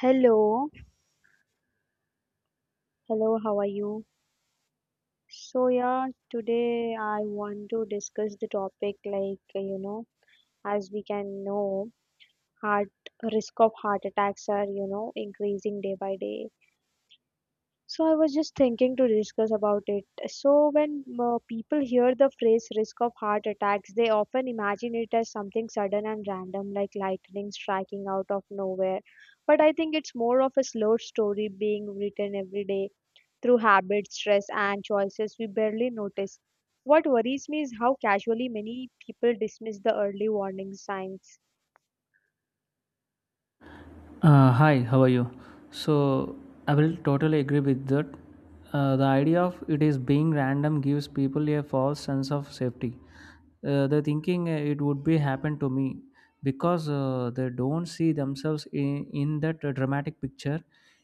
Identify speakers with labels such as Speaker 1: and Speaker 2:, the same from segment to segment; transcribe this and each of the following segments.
Speaker 1: Hello, hello, how are you? So today I want to discuss the topic like, as we can know, heart risk of heart attacks are, increasing day by day. So, I was just thinking to discuss about it. So, when people hear the phrase risk of heart attacks, they often imagine it as something sudden and random, like lightning striking out of nowhere. But I think it's more of a slow story being written every day through habits, stress, and choices we barely notice. What worries me is how casually many people dismiss the early warning signs.
Speaker 2: Hi, how are you? So, I will totally agree with that. The idea of it is being random gives people a false sense of safety. They're thinking it would be happen to me because they don't see themselves in that dramatic picture.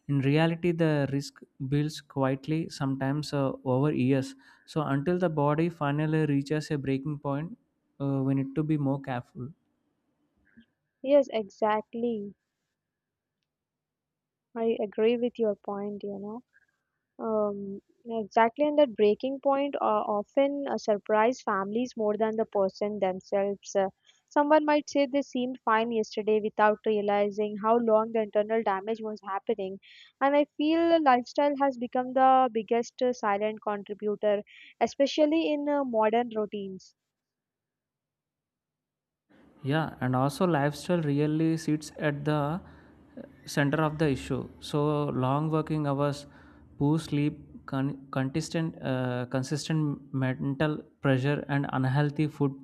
Speaker 2: In reality, the risk builds quietly, sometimes over years. So, until the body finally reaches a breaking point, we need to be more careful.
Speaker 1: Yes, exactly. I agree with your point, you know. Um, exactly, and that breaking point often surprise families more than the person themselves. Someone might say they seemed fine yesterday without realizing how long the internal damage was happening. And I feel lifestyle has become the biggest silent contributor, especially in modern routines.
Speaker 2: Yeah, and also lifestyle really sits at the center of the issue. So long working hours, poor sleep, consistent mental pressure, and unhealthy food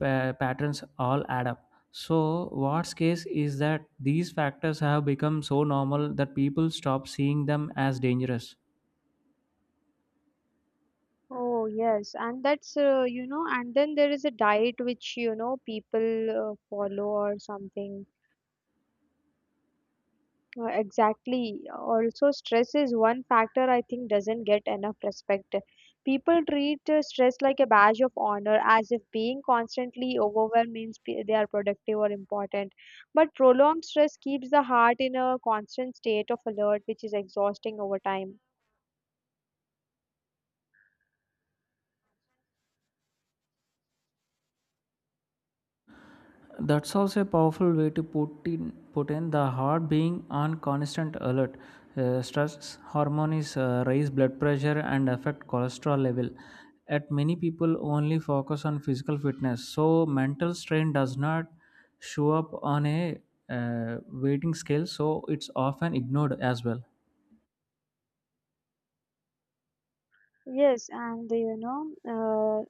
Speaker 2: patterns all add up. So what's case is that these factors have become so normal that people stop seeing them as dangerous.
Speaker 1: Oh yes, and that's and then there is a diet which you know people follow or something. Exactly. Also, stress is one factor I think doesn't get enough respect. People treat stress like a badge of honor, as if being constantly overwhelmed means they are productive or important. But prolonged stress keeps the heart in a constant state of alert, which is exhausting over time.
Speaker 2: That's also a powerful way to put in the heart being on constant alert. Stress hormones raise blood pressure and affect cholesterol level. At many people only focus on physical fitness, so mental strain does not show up on a weighting scale. So it's often ignored as well.
Speaker 1: Yes, and you know,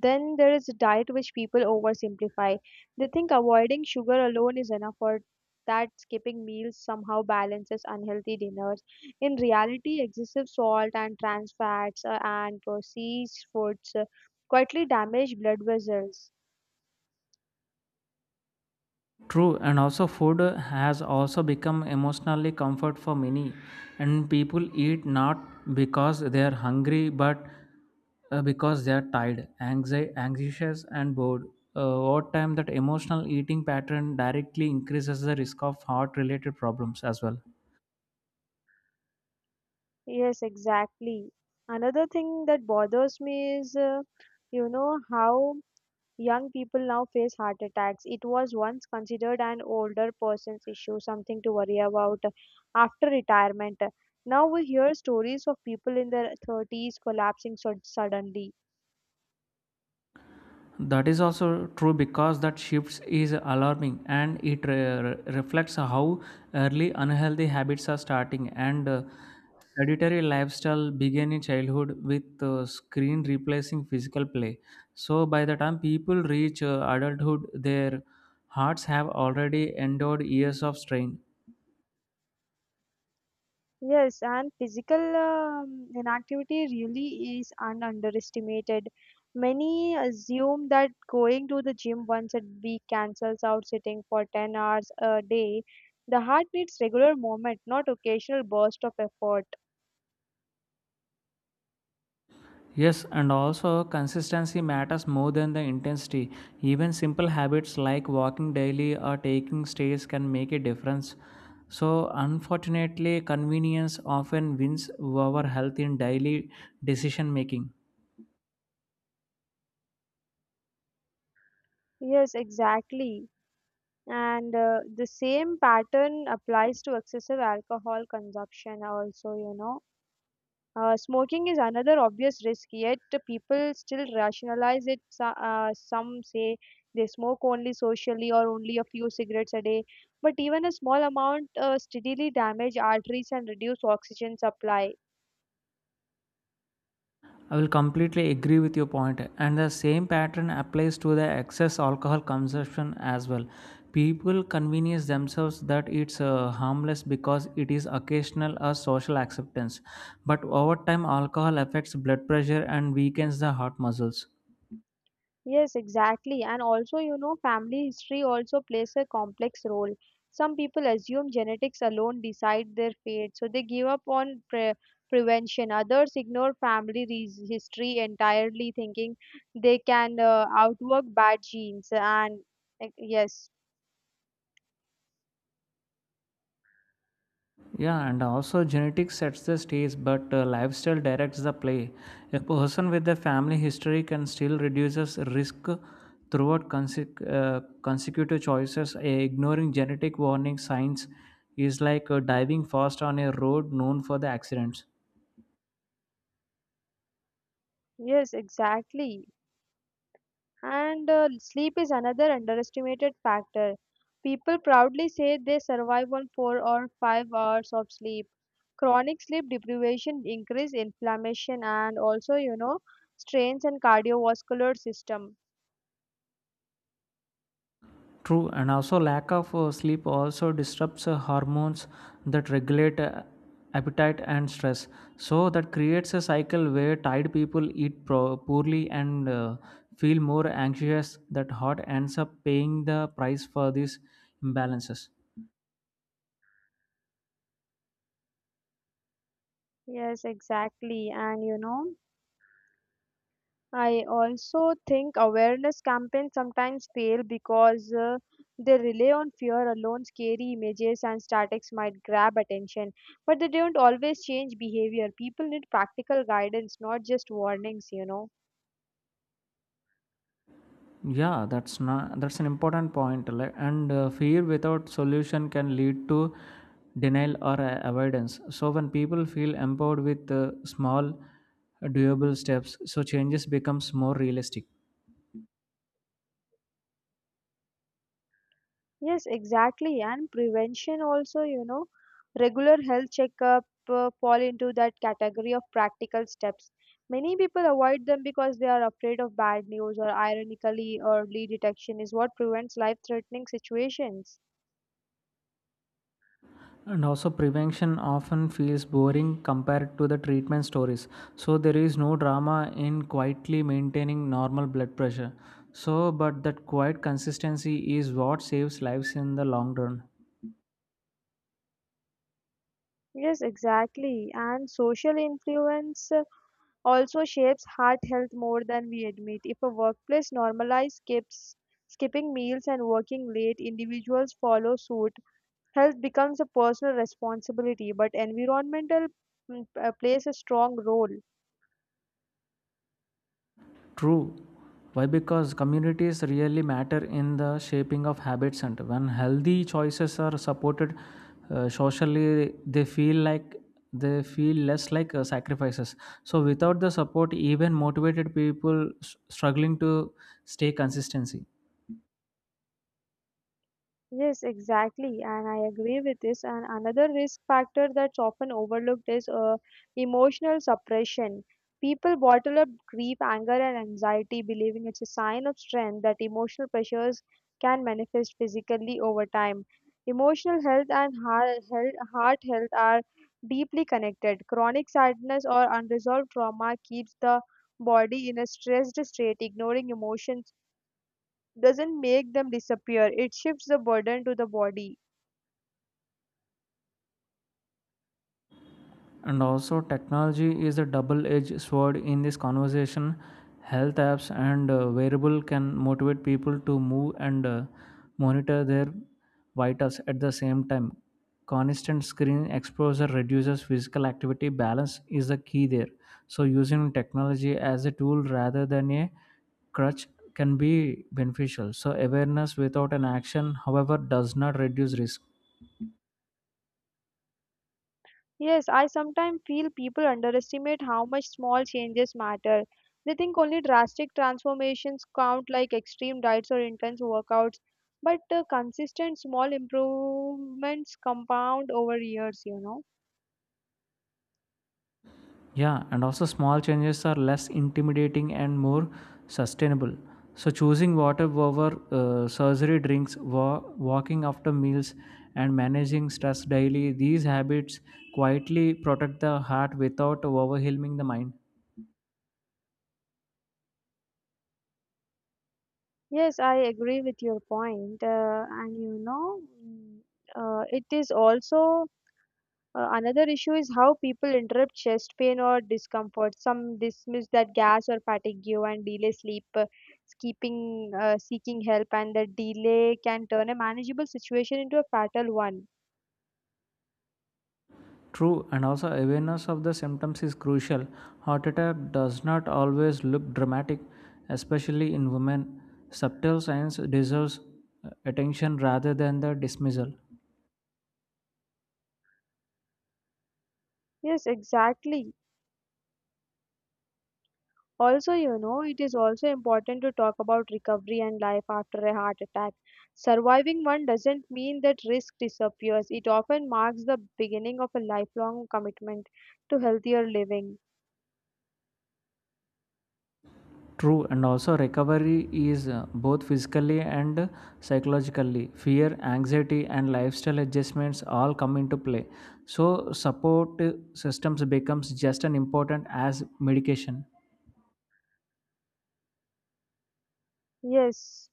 Speaker 1: then there is diet, which people oversimplify. They think avoiding sugar alone is enough, or that skipping meals somehow balances unhealthy dinners. In reality, excessive salt and trans fats and processed foods quietly damage blood vessels.
Speaker 2: True, and also food has also become emotionally comfort for many, and people eat not because they are hungry, but because they are tired, anxious, and bored. Over time, that emotional eating pattern directly increases the risk of heart-related problems as well.
Speaker 1: Yes, exactly. Another thing that bothers me is, you know, how young people now face heart attacks. It was once considered an older person's issue, something to worry about after retirement. Now we hear stories of people in their 30s collapsing so suddenly.
Speaker 2: That is also true because that shifts is alarming and it reflects how early unhealthy habits are starting and sedentary lifestyle began in childhood with screen replacing physical play, so by the time people reach adulthood their hearts have already endured years of strain.
Speaker 1: Yes, and physical inactivity really is underestimated. Many assume that going to the gym once a week cancels out sitting for 10 hours a day. The heart needs regular movement, not occasional burst of effort.
Speaker 2: Yes, and also consistency matters more than the intensity. Even simple habits like walking daily or taking stairs can make a difference. So, unfortunately, convenience often wins over health in daily decision making.
Speaker 1: Yes, exactly, and the same pattern applies to excessive alcohol consumption also, you know. Smoking is another obvious risk, yet the people still rationalize it. Some say they smoke only socially or only a few cigarettes a day, but even a small amount steadily damage arteries and reduce oxygen supply.
Speaker 2: I will completely agree with your point, and the same pattern applies to the excess alcohol consumption as well. People convince themselves that it's harmless because it is occasional or social acceptance, but over time, alcohol affects blood pressure and weakens the heart muscles.
Speaker 1: Yes, exactly. And also, you know, family history also plays a complex role. Some people assume genetics alone decide their fate, so they give up on prevention. Others ignore family history entirely, thinking they can outwork bad genes. And like, yes,
Speaker 2: Yeah, and also genetics sets the stage, but lifestyle directs the play. A person with a family history can still reduces risk throughout consecutive choices. Ignoring genetic warning signs is like diving fast on a road known for the accidents.
Speaker 1: yes, exactly. And sleep is another underestimated factor. People proudly say they survive on 4 or 5 hours of sleep. Chronic sleep deprivation increase inflammation and also, you know, strains and cardiovascular system.
Speaker 2: True, and also lack of sleep also disrupts hormones that regulate appetite and stress. So that creates a cycle where tired people eat poorly and feel more anxious. That hot ends up paying the price for these imbalances.
Speaker 1: Yes, exactly. And you know, I also think awareness campaigns sometimes fail because they rely on fear alone, scary images and statics might grab attention, but they don't always change behavior. People need practical guidance, not just warnings, you know.
Speaker 2: Yeah, that's not That's an important point. Like- And Fear without solution can lead to denial or avoidance. So when people feel empowered with small, doable steps, so changes becomes more realistic.
Speaker 1: Yes, exactly. And prevention also, you know, regular health checkup fall into that category of practical steps. Many people avoid them because they are afraid of bad news or ironically early detection is what prevents life-threatening situations.
Speaker 2: And also prevention often feels boring compared to the treatment stories. So there is no drama in quietly maintaining normal blood pressure. So, but that quiet consistency is what saves lives in the long run.
Speaker 1: Yes, exactly. And social influence also shapes heart health more than we admit. If a workplace normalizes skipping meals and working late, individuals follow suit. Health becomes a personal responsibility, but environmental plays a strong role.
Speaker 2: True. Why? Because communities really matter in the shaping of habits, and when healthy choices are supported socially, they feel less like sacrifices. So, without the support, even motivated people struggling to stay consistency.
Speaker 1: Yes, exactly, and I agree with this. And another risk factor that's often overlooked is emotional suppression. People bottle up grief, anger, and anxiety, believing it's a sign of strength that emotional pressures can manifest physically over time. Emotional health and heart health are deeply connected. Chronic sadness or unresolved trauma keeps the body in a stressed state, ignoring emotions doesn't make them disappear, it shifts the burden to the body.
Speaker 2: And also, technology is a double edged sword in this conversation. Health apps and wearable can motivate people to move and monitor their vitals at the same time. Constant screen exposure reduces physical activity. Balance is the key there. So, using technology as a tool rather than a crutch can be beneficial. So, awareness without an action, however, does not reduce risk.
Speaker 1: Yes, I sometimes feel people underestimate how much small changes matter. They think only drastic transformations count, like extreme diets or intense workouts, but consistent small improvements compound over years, you know.
Speaker 2: Yeah, and also small changes are less intimidating and more sustainable. So, choosing water over surgery drinks, walking after meals, and managing stress daily, these habits quietly protect the heart without overwhelming the mind.
Speaker 1: Yes, I agree with your point, and you know, mm, it is also another issue is how people interrupt chest pain or discomfort. Some dismiss that gas or fatigue and delay sleep, keeping, seeking help, and the delay can turn a manageable situation into a fatal one.
Speaker 2: True, and also awareness of the symptoms is crucial. Heart attack does not always look dramatic, especially in women. Subtle signs deserves attention rather than the dismissal.
Speaker 1: Yes, exactly. Also, you know, it is also important to talk about recovery and life after a heart attack. Surviving one doesn't mean that risk disappears, it often marks the beginning of a lifelong commitment to healthier living.
Speaker 2: True, and also recovery is both physically and psychologically. Fear, anxiety, and lifestyle adjustments all come into play. So, support systems becomes just as important as medication.
Speaker 1: Yes.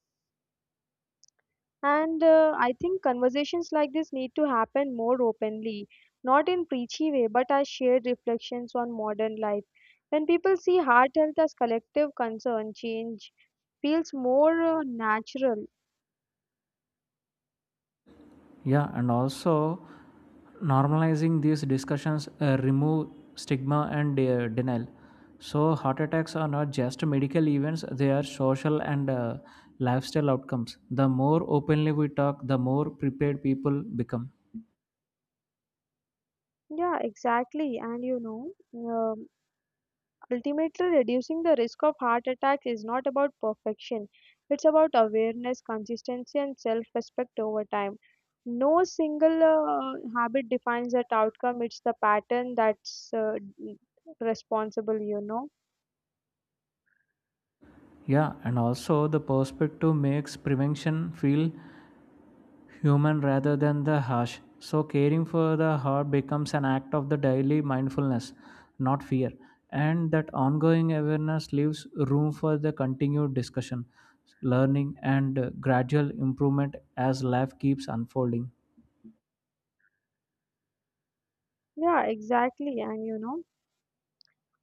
Speaker 1: And I think conversations like this need to happen more openly, not in preachy way, but as shared reflections on modern life. When people see heart health as collective concern, change feels more natural.
Speaker 2: Yeah, and also normalizing these discussions remove stigma and denial. So, heart attacks are not just medical events; they are social and lifestyle outcomes. The more openly we talk, the more prepared people become.
Speaker 1: Yeah, exactly. And you know, ultimately, reducing the risk of heart attacks is not about perfection, it's about awareness, consistency, and self respect over time. No single habit defines that outcome, it's the pattern that's responsible, you know.
Speaker 2: Yeah, and also the perspective makes prevention feel human rather than the harsh. So caring for the heart becomes an act of the daily mindfulness, not fear. And that ongoing awareness leaves room for the continued discussion, learning, and gradual improvement as life keeps unfolding.
Speaker 1: Yeah, exactly. And you know,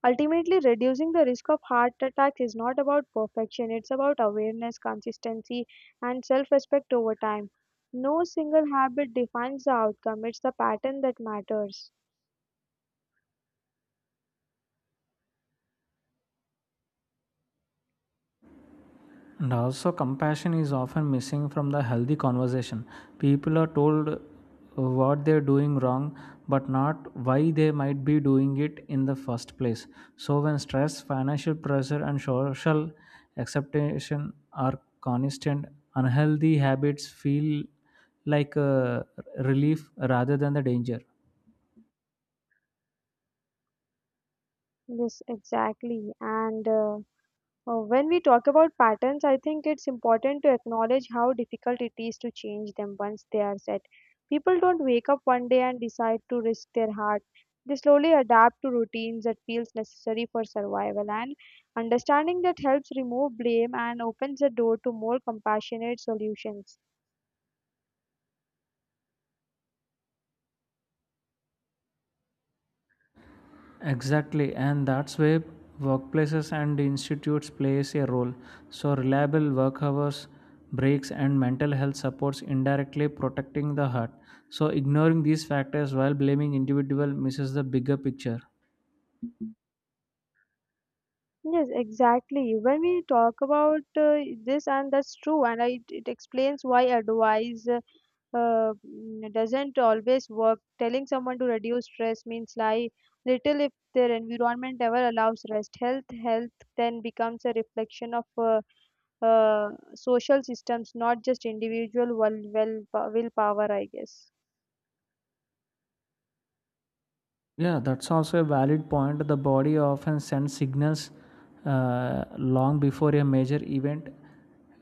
Speaker 1: ultimately, reducing the risk of heart attacks is not about perfection, it's about awareness, consistency, and self respect over time. No single habit defines the outcome, it's the pattern that matters.
Speaker 2: And also, compassion is often missing from the healthy conversation. People are told what they're doing wrong, but not why they might be doing it in the first place. So, when stress, financial pressure, and social acceptation are constant, unhealthy habits feel like a relief rather than the danger.
Speaker 1: Yes, exactly. And when we talk about patterns, I think it's important to acknowledge how difficult it is to change them once they are set. People don't wake up one day and decide to risk their heart. They slowly adapt to routines that feels necessary for survival and understanding that helps remove blame and opens the door to more compassionate solutions.
Speaker 2: Exactly, and that's where workplaces and institutes plays a role. So reliable work hours, breaks, and mental health supports indirectly protecting the heart. So ignoring these factors while blaming individual misses the bigger picture.
Speaker 1: Yes, exactly. When we talk about this, and that's true, and I, it explains why advice. Doesn't always work. Telling someone to reduce stress means lie little if their environment ever allows rest. Health then becomes a reflection of uh, uh, social systems, not just individual willpower, I guess.
Speaker 2: Yeah, that's also a valid point. The body often sends signals long before a major event.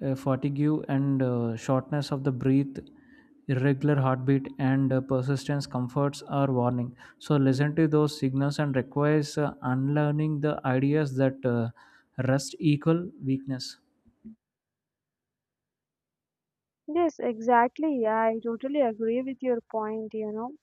Speaker 2: Fatigue and shortness of the breath, irregular heartbeat, and persistence comforts are warning. So listen to those signals and requires unlearning the ideas that rest equal weakness.
Speaker 1: Yes, exactly. I totally agree with your point, you know.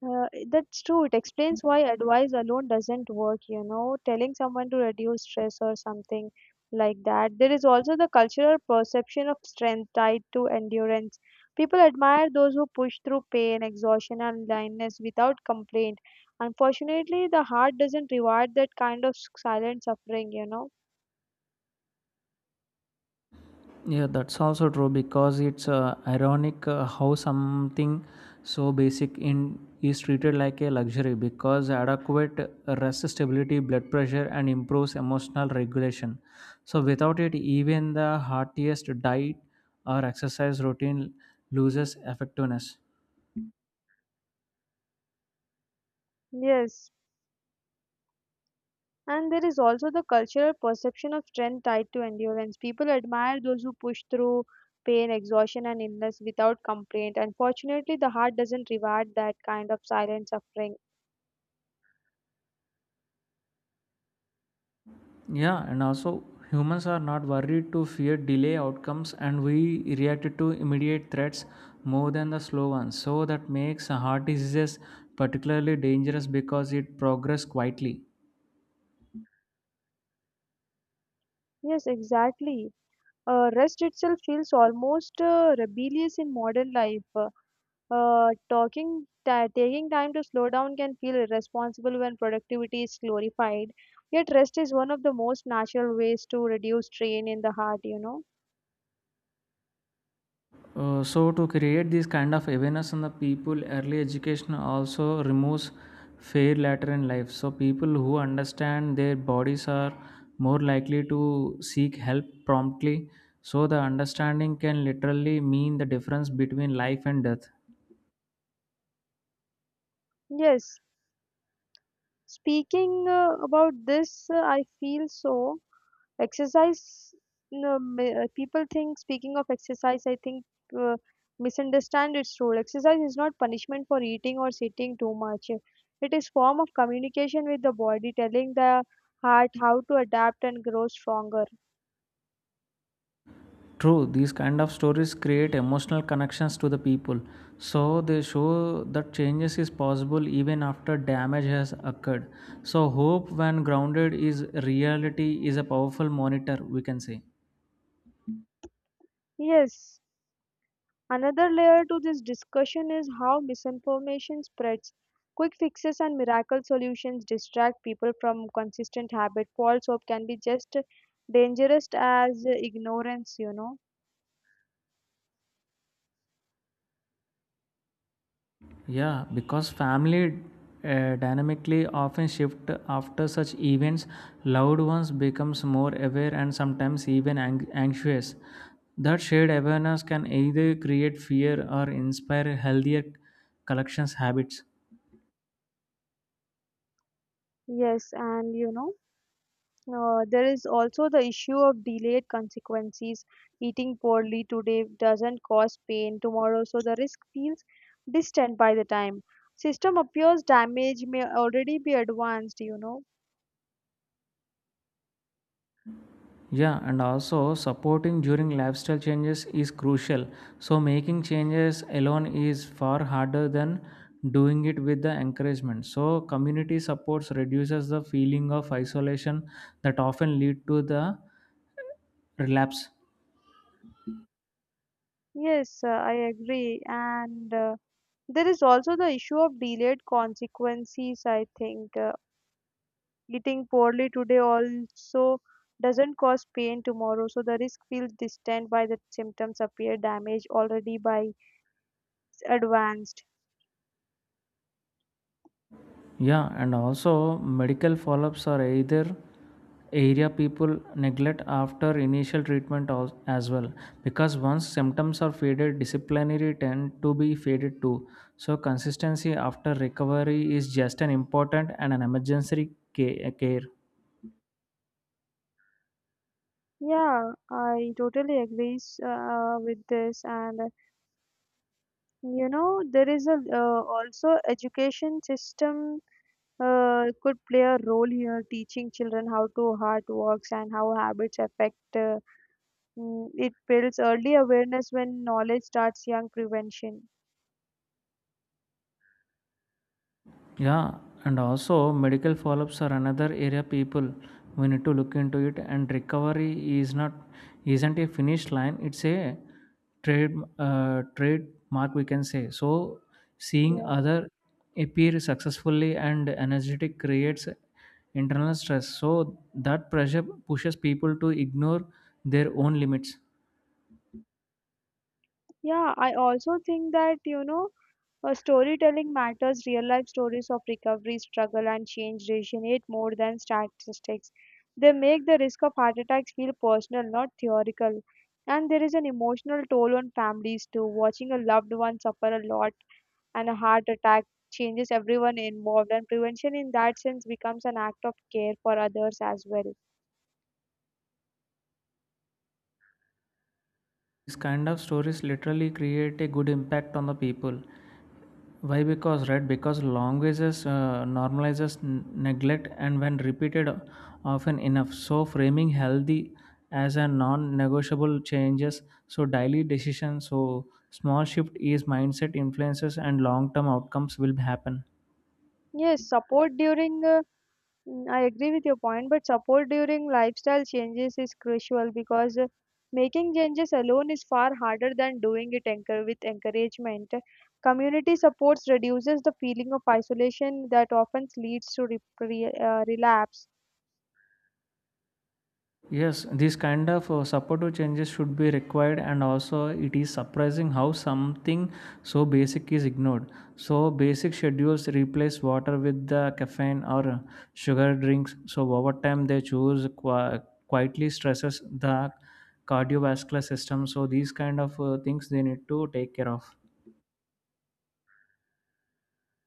Speaker 1: That's true. It explains why advice alone doesn't work, you know, telling someone to reduce stress or something like that. There is also the cultural perception of strength tied to endurance. People admire those who push through pain, exhaustion, and blindness without complaint. Unfortunately, the heart doesn't reward that kind of silent suffering, you know.
Speaker 2: Yeah, that's also true because it's ironic how something so basic in is treated like a luxury because adequate rest stability, blood pressure, and improves emotional regulation. So without it, even the heartiest diet or exercise routine loses effectiveness.
Speaker 1: Yes. And there is also the cultural perception of strength tied to endurance. People admire those who push through pain, exhaustion, and illness without complaint. Unfortunately, the heart doesn't reward that kind of silent suffering.
Speaker 2: Yeah, and also humans are not worried to fear delay outcomes and we reacted to immediate threats more than the slow ones. So that makes heart diseases particularly dangerous because it progress quietly.
Speaker 1: Yes, exactly. Rest itself feels almost rebellious in modern life. Talking, ta Taking time to slow down can feel irresponsible when productivity is glorified. Yet, rest is one of the most natural ways to reduce strain in the heart, you know.
Speaker 2: So to create this kind of awareness on the people, early education also removes fear later in life. So people who understand their bodies are more likely to seek help promptly. So the understanding can literally mean the difference between life and death.
Speaker 1: Yes, speaking about this, I feel so. Exercise, no, ma- people think, Speaking of exercise, I think uh, misunderstand its role. Exercise is not punishment for eating or sitting too much. It is form of communication with the body, telling the heart how to adapt and grow stronger.
Speaker 2: True, these kind of stories create emotional connections to the people. So they show that changes is possible even after damage has occurred. So hope when grounded is reality is a powerful monitor we can say.
Speaker 1: Yes, another layer to this discussion is how misinformation spreads. Quick fixes and miracle solutions distract people from consistent habit. False hope can be just dangerous as ignorance, you know.
Speaker 2: Yeah, because family dynamically often shift after such events, loved ones becomes more aware and sometimes even anxious. That shared awareness can either create fear or inspire healthier collections habits.
Speaker 1: Yes, and you know, there is also the issue of delayed consequences. Eating poorly today doesn't cause pain tomorrow, so the risk feels distant by the time. System appears damage may already be advanced, you know.
Speaker 2: Yeah, and also supporting during lifestyle changes is crucial. So making changes alone is far harder than doing it with the encouragement. So community supports reduces the feeling of isolation that often lead to the relapse.
Speaker 1: Yes, I agree. And there is also the issue of delayed consequences, I think. Eating poorly today also doesn't cause pain tomorrow, so the risk feels distant by the symptoms appear damaged already by advanced.
Speaker 2: Yeah, and also medical follow ups are either area people neglect after initial treatment as well because once symptoms are faded disciplinary tend to be faded too, so consistency after recovery is just an important and an emergency care.
Speaker 1: Yeah, I totally agree with this. And you know, there is a also education system could play a role here, teaching children how to heart works and how habits affect. It builds early awareness when knowledge starts young prevention.
Speaker 2: Yeah, and also medical follow-ups are another area people we need to look into it, and recovery is not isn't a finish line, it's a trade trademark we can say, so seeing
Speaker 1: Yeah.
Speaker 2: other appear successfully and energetic creates internal stress, so that pressure pushes people to ignore their own limits.
Speaker 1: Yeah, I also think that, you know, storytelling matters. Real life stories of recovery, struggle, and change resonate more than statistics. They make the risk of heart attacks feel personal, not theoretical. And there is an emotional toll on families too. Watching a loved one suffer a lot and a heart attack changes everyone involved, and prevention in that sense becomes an act of care for others as well.
Speaker 2: These kind of stories literally create a good impact on the people. Why because Right, because languages normalizes neglect and when repeated often enough, so framing healthy as a non-negotiable changes, so daily decisions so small shift is mindset influences and long-term outcomes will happen.
Speaker 1: Yes, I agree with your point, but support during lifestyle changes is crucial because making changes alone is far harder than doing it with encouragement. Community supports reduces the feeling of isolation that often leads to relapse.
Speaker 2: Yes, this kind of supportive changes should be required, and also it is surprising how something so basic is ignored. So, basic schedules replace water with the caffeine or sugar drinks. So, over time, they choose quietly stresses the cardiovascular system. So, these kind of things they need to take care of.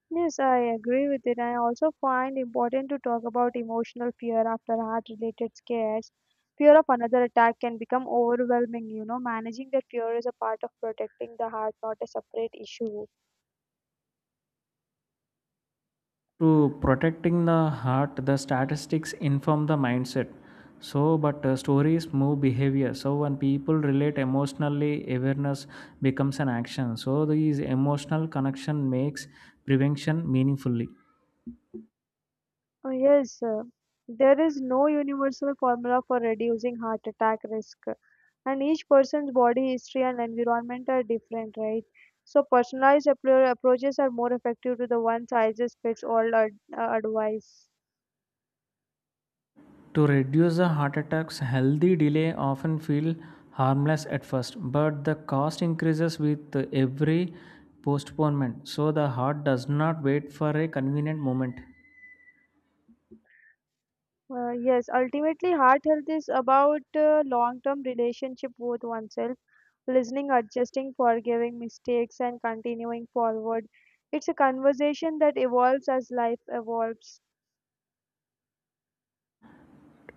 Speaker 1: Yes, I agree with it. I also find important to talk about emotional fear after heart-related scares. Fear of another attack can become overwhelming, you know. Managing that fear is a part of protecting the heart, not a separate issue.
Speaker 2: To protecting the heart, the statistics inform the mindset. So, but stories move behavior. So, when people relate emotionally, awareness becomes an action. So, these emotional connection makes prevention meaningfully.
Speaker 1: Oh, yes, there is no universal formula for reducing heart attack risk, and each person's body history and environment are different, right? So, personalized approaches are more effective to the one size fits all advice.
Speaker 2: To reduce the heart attacks, healthy delay often feel harmless at first, but the cost increases with every postponement. So, the heart does not wait for a convenient moment.
Speaker 1: Yes, ultimately, heart health is about long term relationship with oneself, listening, adjusting, forgiving mistakes, and continuing forward. It's a conversation that evolves as life evolves.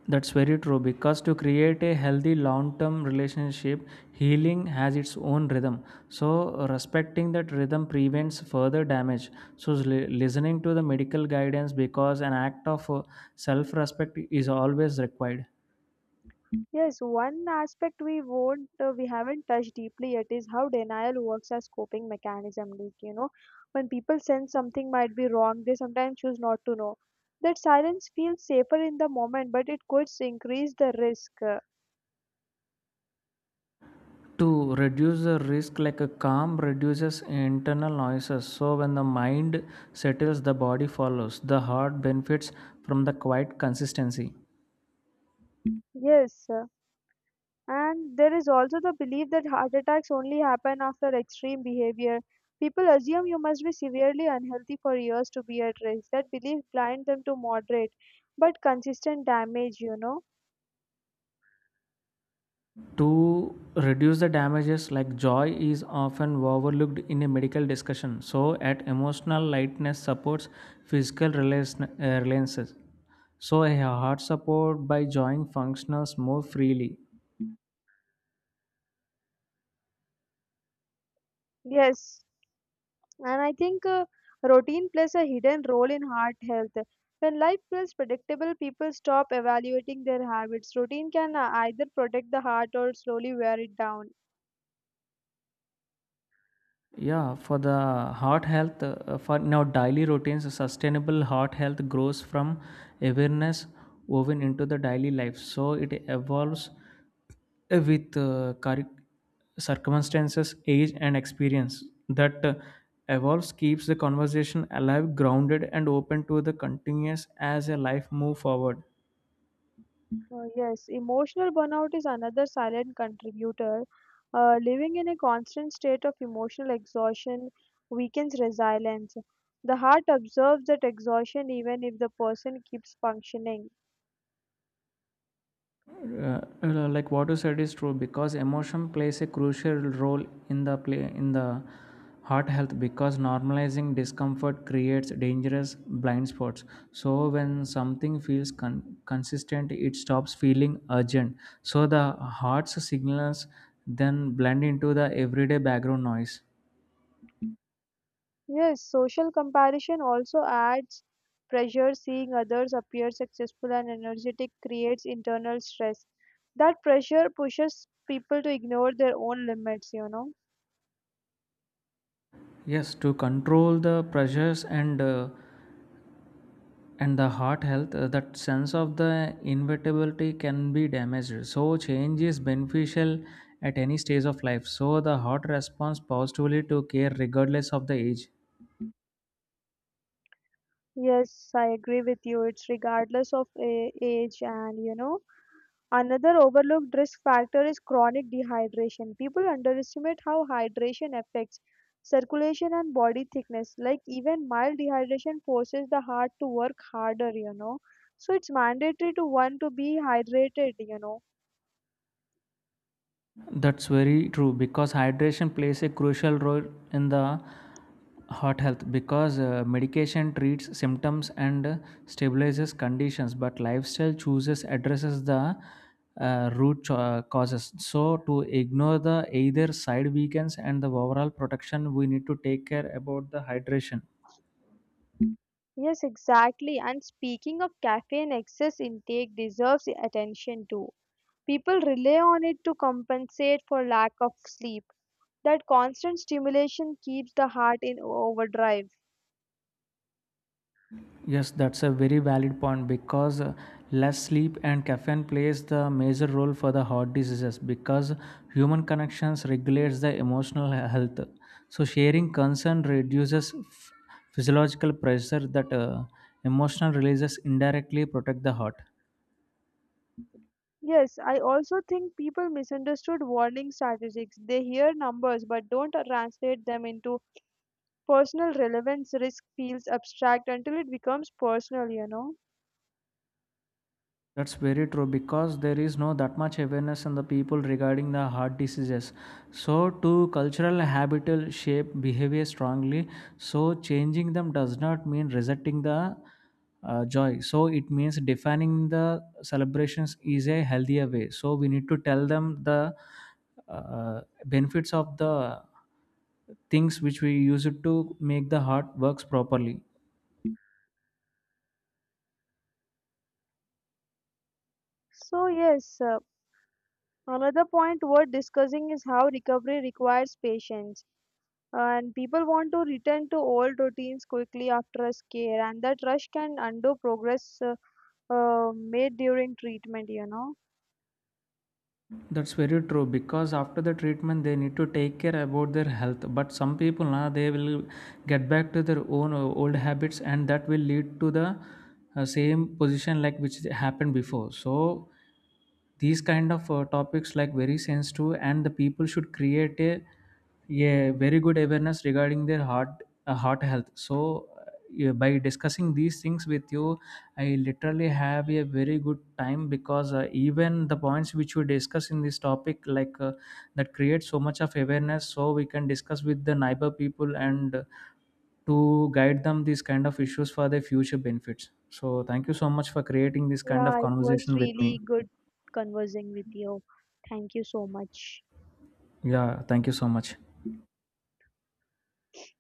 Speaker 2: That's very true because to create a healthy long term relationship, healing has its own rhythm. So, respecting that rhythm prevents further damage. So, listening to the medical guidance because an act of self respect is always required.
Speaker 1: Yes, one aspect we haven't touched deeply yet is how denial works as coping mechanism. Like you know, when people sense something might be wrong, they sometimes choose not to know. That silence feels safer in the moment, but it could increase the risk.
Speaker 2: To reduce the risk, like a calm reduces internal noises. So, when the mind settles, the body follows. The heart benefits from the quiet consistency.
Speaker 1: Yes. And there is also the belief that heart attacks only happen after extreme behavior. People assume you must be severely unhealthy for years to be at risk. That belief blinds them to moderate but consistent damage, you know.
Speaker 2: To reduce the damages, like joy is often overlooked in a medical discussion, so at emotional lightness supports physical reliances, so a heart support by joying functions more freely.
Speaker 1: Yes, and I think routine plays a hidden role in heart health. When life feels predictable, people stop evaluating their habits. Routine can either protect the heart or slowly wear it down.
Speaker 2: Yeah, for the heart health, for now daily routines, sustainable heart health grows from awareness woven into the daily life. So it evolves with circumstances, age, and experience. That evolves keeps the conversation alive, grounded, and open to the continuous as a life move forward.
Speaker 1: Yes, emotional burnout is another silent contributor. Living in a constant state of emotional exhaustion weakens resilience. The heart observes that exhaustion even if the person keeps functioning.
Speaker 2: Like what you said is true because emotion plays a crucial role in the play in the heart health, because normalizing discomfort creates dangerous blind spots, so when something feels consistent it stops feeling urgent, so the heart's signals then blend into the everyday background noise.
Speaker 1: Yes, social comparison also adds pressure. Seeing others appear successful and energetic creates internal stress. That pressure pushes people to ignore their own limits, you know.
Speaker 2: Yes, to control the pressures and the heart health, that sense of the inevitability can be damaged, so change is beneficial at any stage of life, so the heart responds positively to care regardless of the age.
Speaker 1: Yes, I agree with you. It's regardless of age, and you know, another overlooked risk factor is chronic dehydration. People underestimate how hydration affects circulation and body thickness. Like, even mild dehydration forces the heart to work harder, you know. So, it's mandatory to one to be hydrated, you know.
Speaker 2: That's very true because hydration plays a crucial role in the heart health because medication treats symptoms and stabilizes conditions but lifestyle chooses addresses the root causes, so to ignore the either side weakens and the overall protection we need to take care about the hydration.
Speaker 1: Yes, exactly. And speaking of caffeine, excess intake deserves attention too. People rely on it to compensate for lack of sleep that constant stimulation keeps the heart in overdrive.
Speaker 2: Yes, that's a very valid point because less sleep and caffeine plays the major role for the heart diseases because human connections regulates the emotional health. So sharing concern reduces physiological pressure that emotional releases indirectly protect the heart.
Speaker 1: Yes, I also think people misunderstood warning statistics. They hear numbers but don't translate them into personal relevance. Risk feels abstract until it becomes personal, you know.
Speaker 2: That's very true because there is no that much awareness in the people regarding the heart diseases. So, to cultural habitual shape behavior strongly. So, changing them does not mean resenting the joy. So, it means defining the celebrations is a healthier way. So, we need to tell them the benefits of the things which we use it to make the heart works properly.
Speaker 1: So, yes, another point worth discussing is how recovery requires patience. And people want to return to old routines quickly after a scare, and that rush can undo progress made during treatment, you know.
Speaker 2: That's very true because after the treatment they need to take care about their health. But some people na they will get back to their own old habits and that will lead to the same position like which happened before. So these kind of topics like very sensitive and the people should create a very good awareness regarding their heart health. So yeah, by discussing these things with you I literally have a very good time because even the points which we discuss in this topic that creates so much of awareness so we can discuss with the neighbor people and to guide them these kind of issues for their future benefits, so thank you so much for creating this kind of
Speaker 1: Yeah, it was
Speaker 2: conversation with me.
Speaker 1: really good conversing with you. Thank you so much.
Speaker 2: Yeah, thank you so much.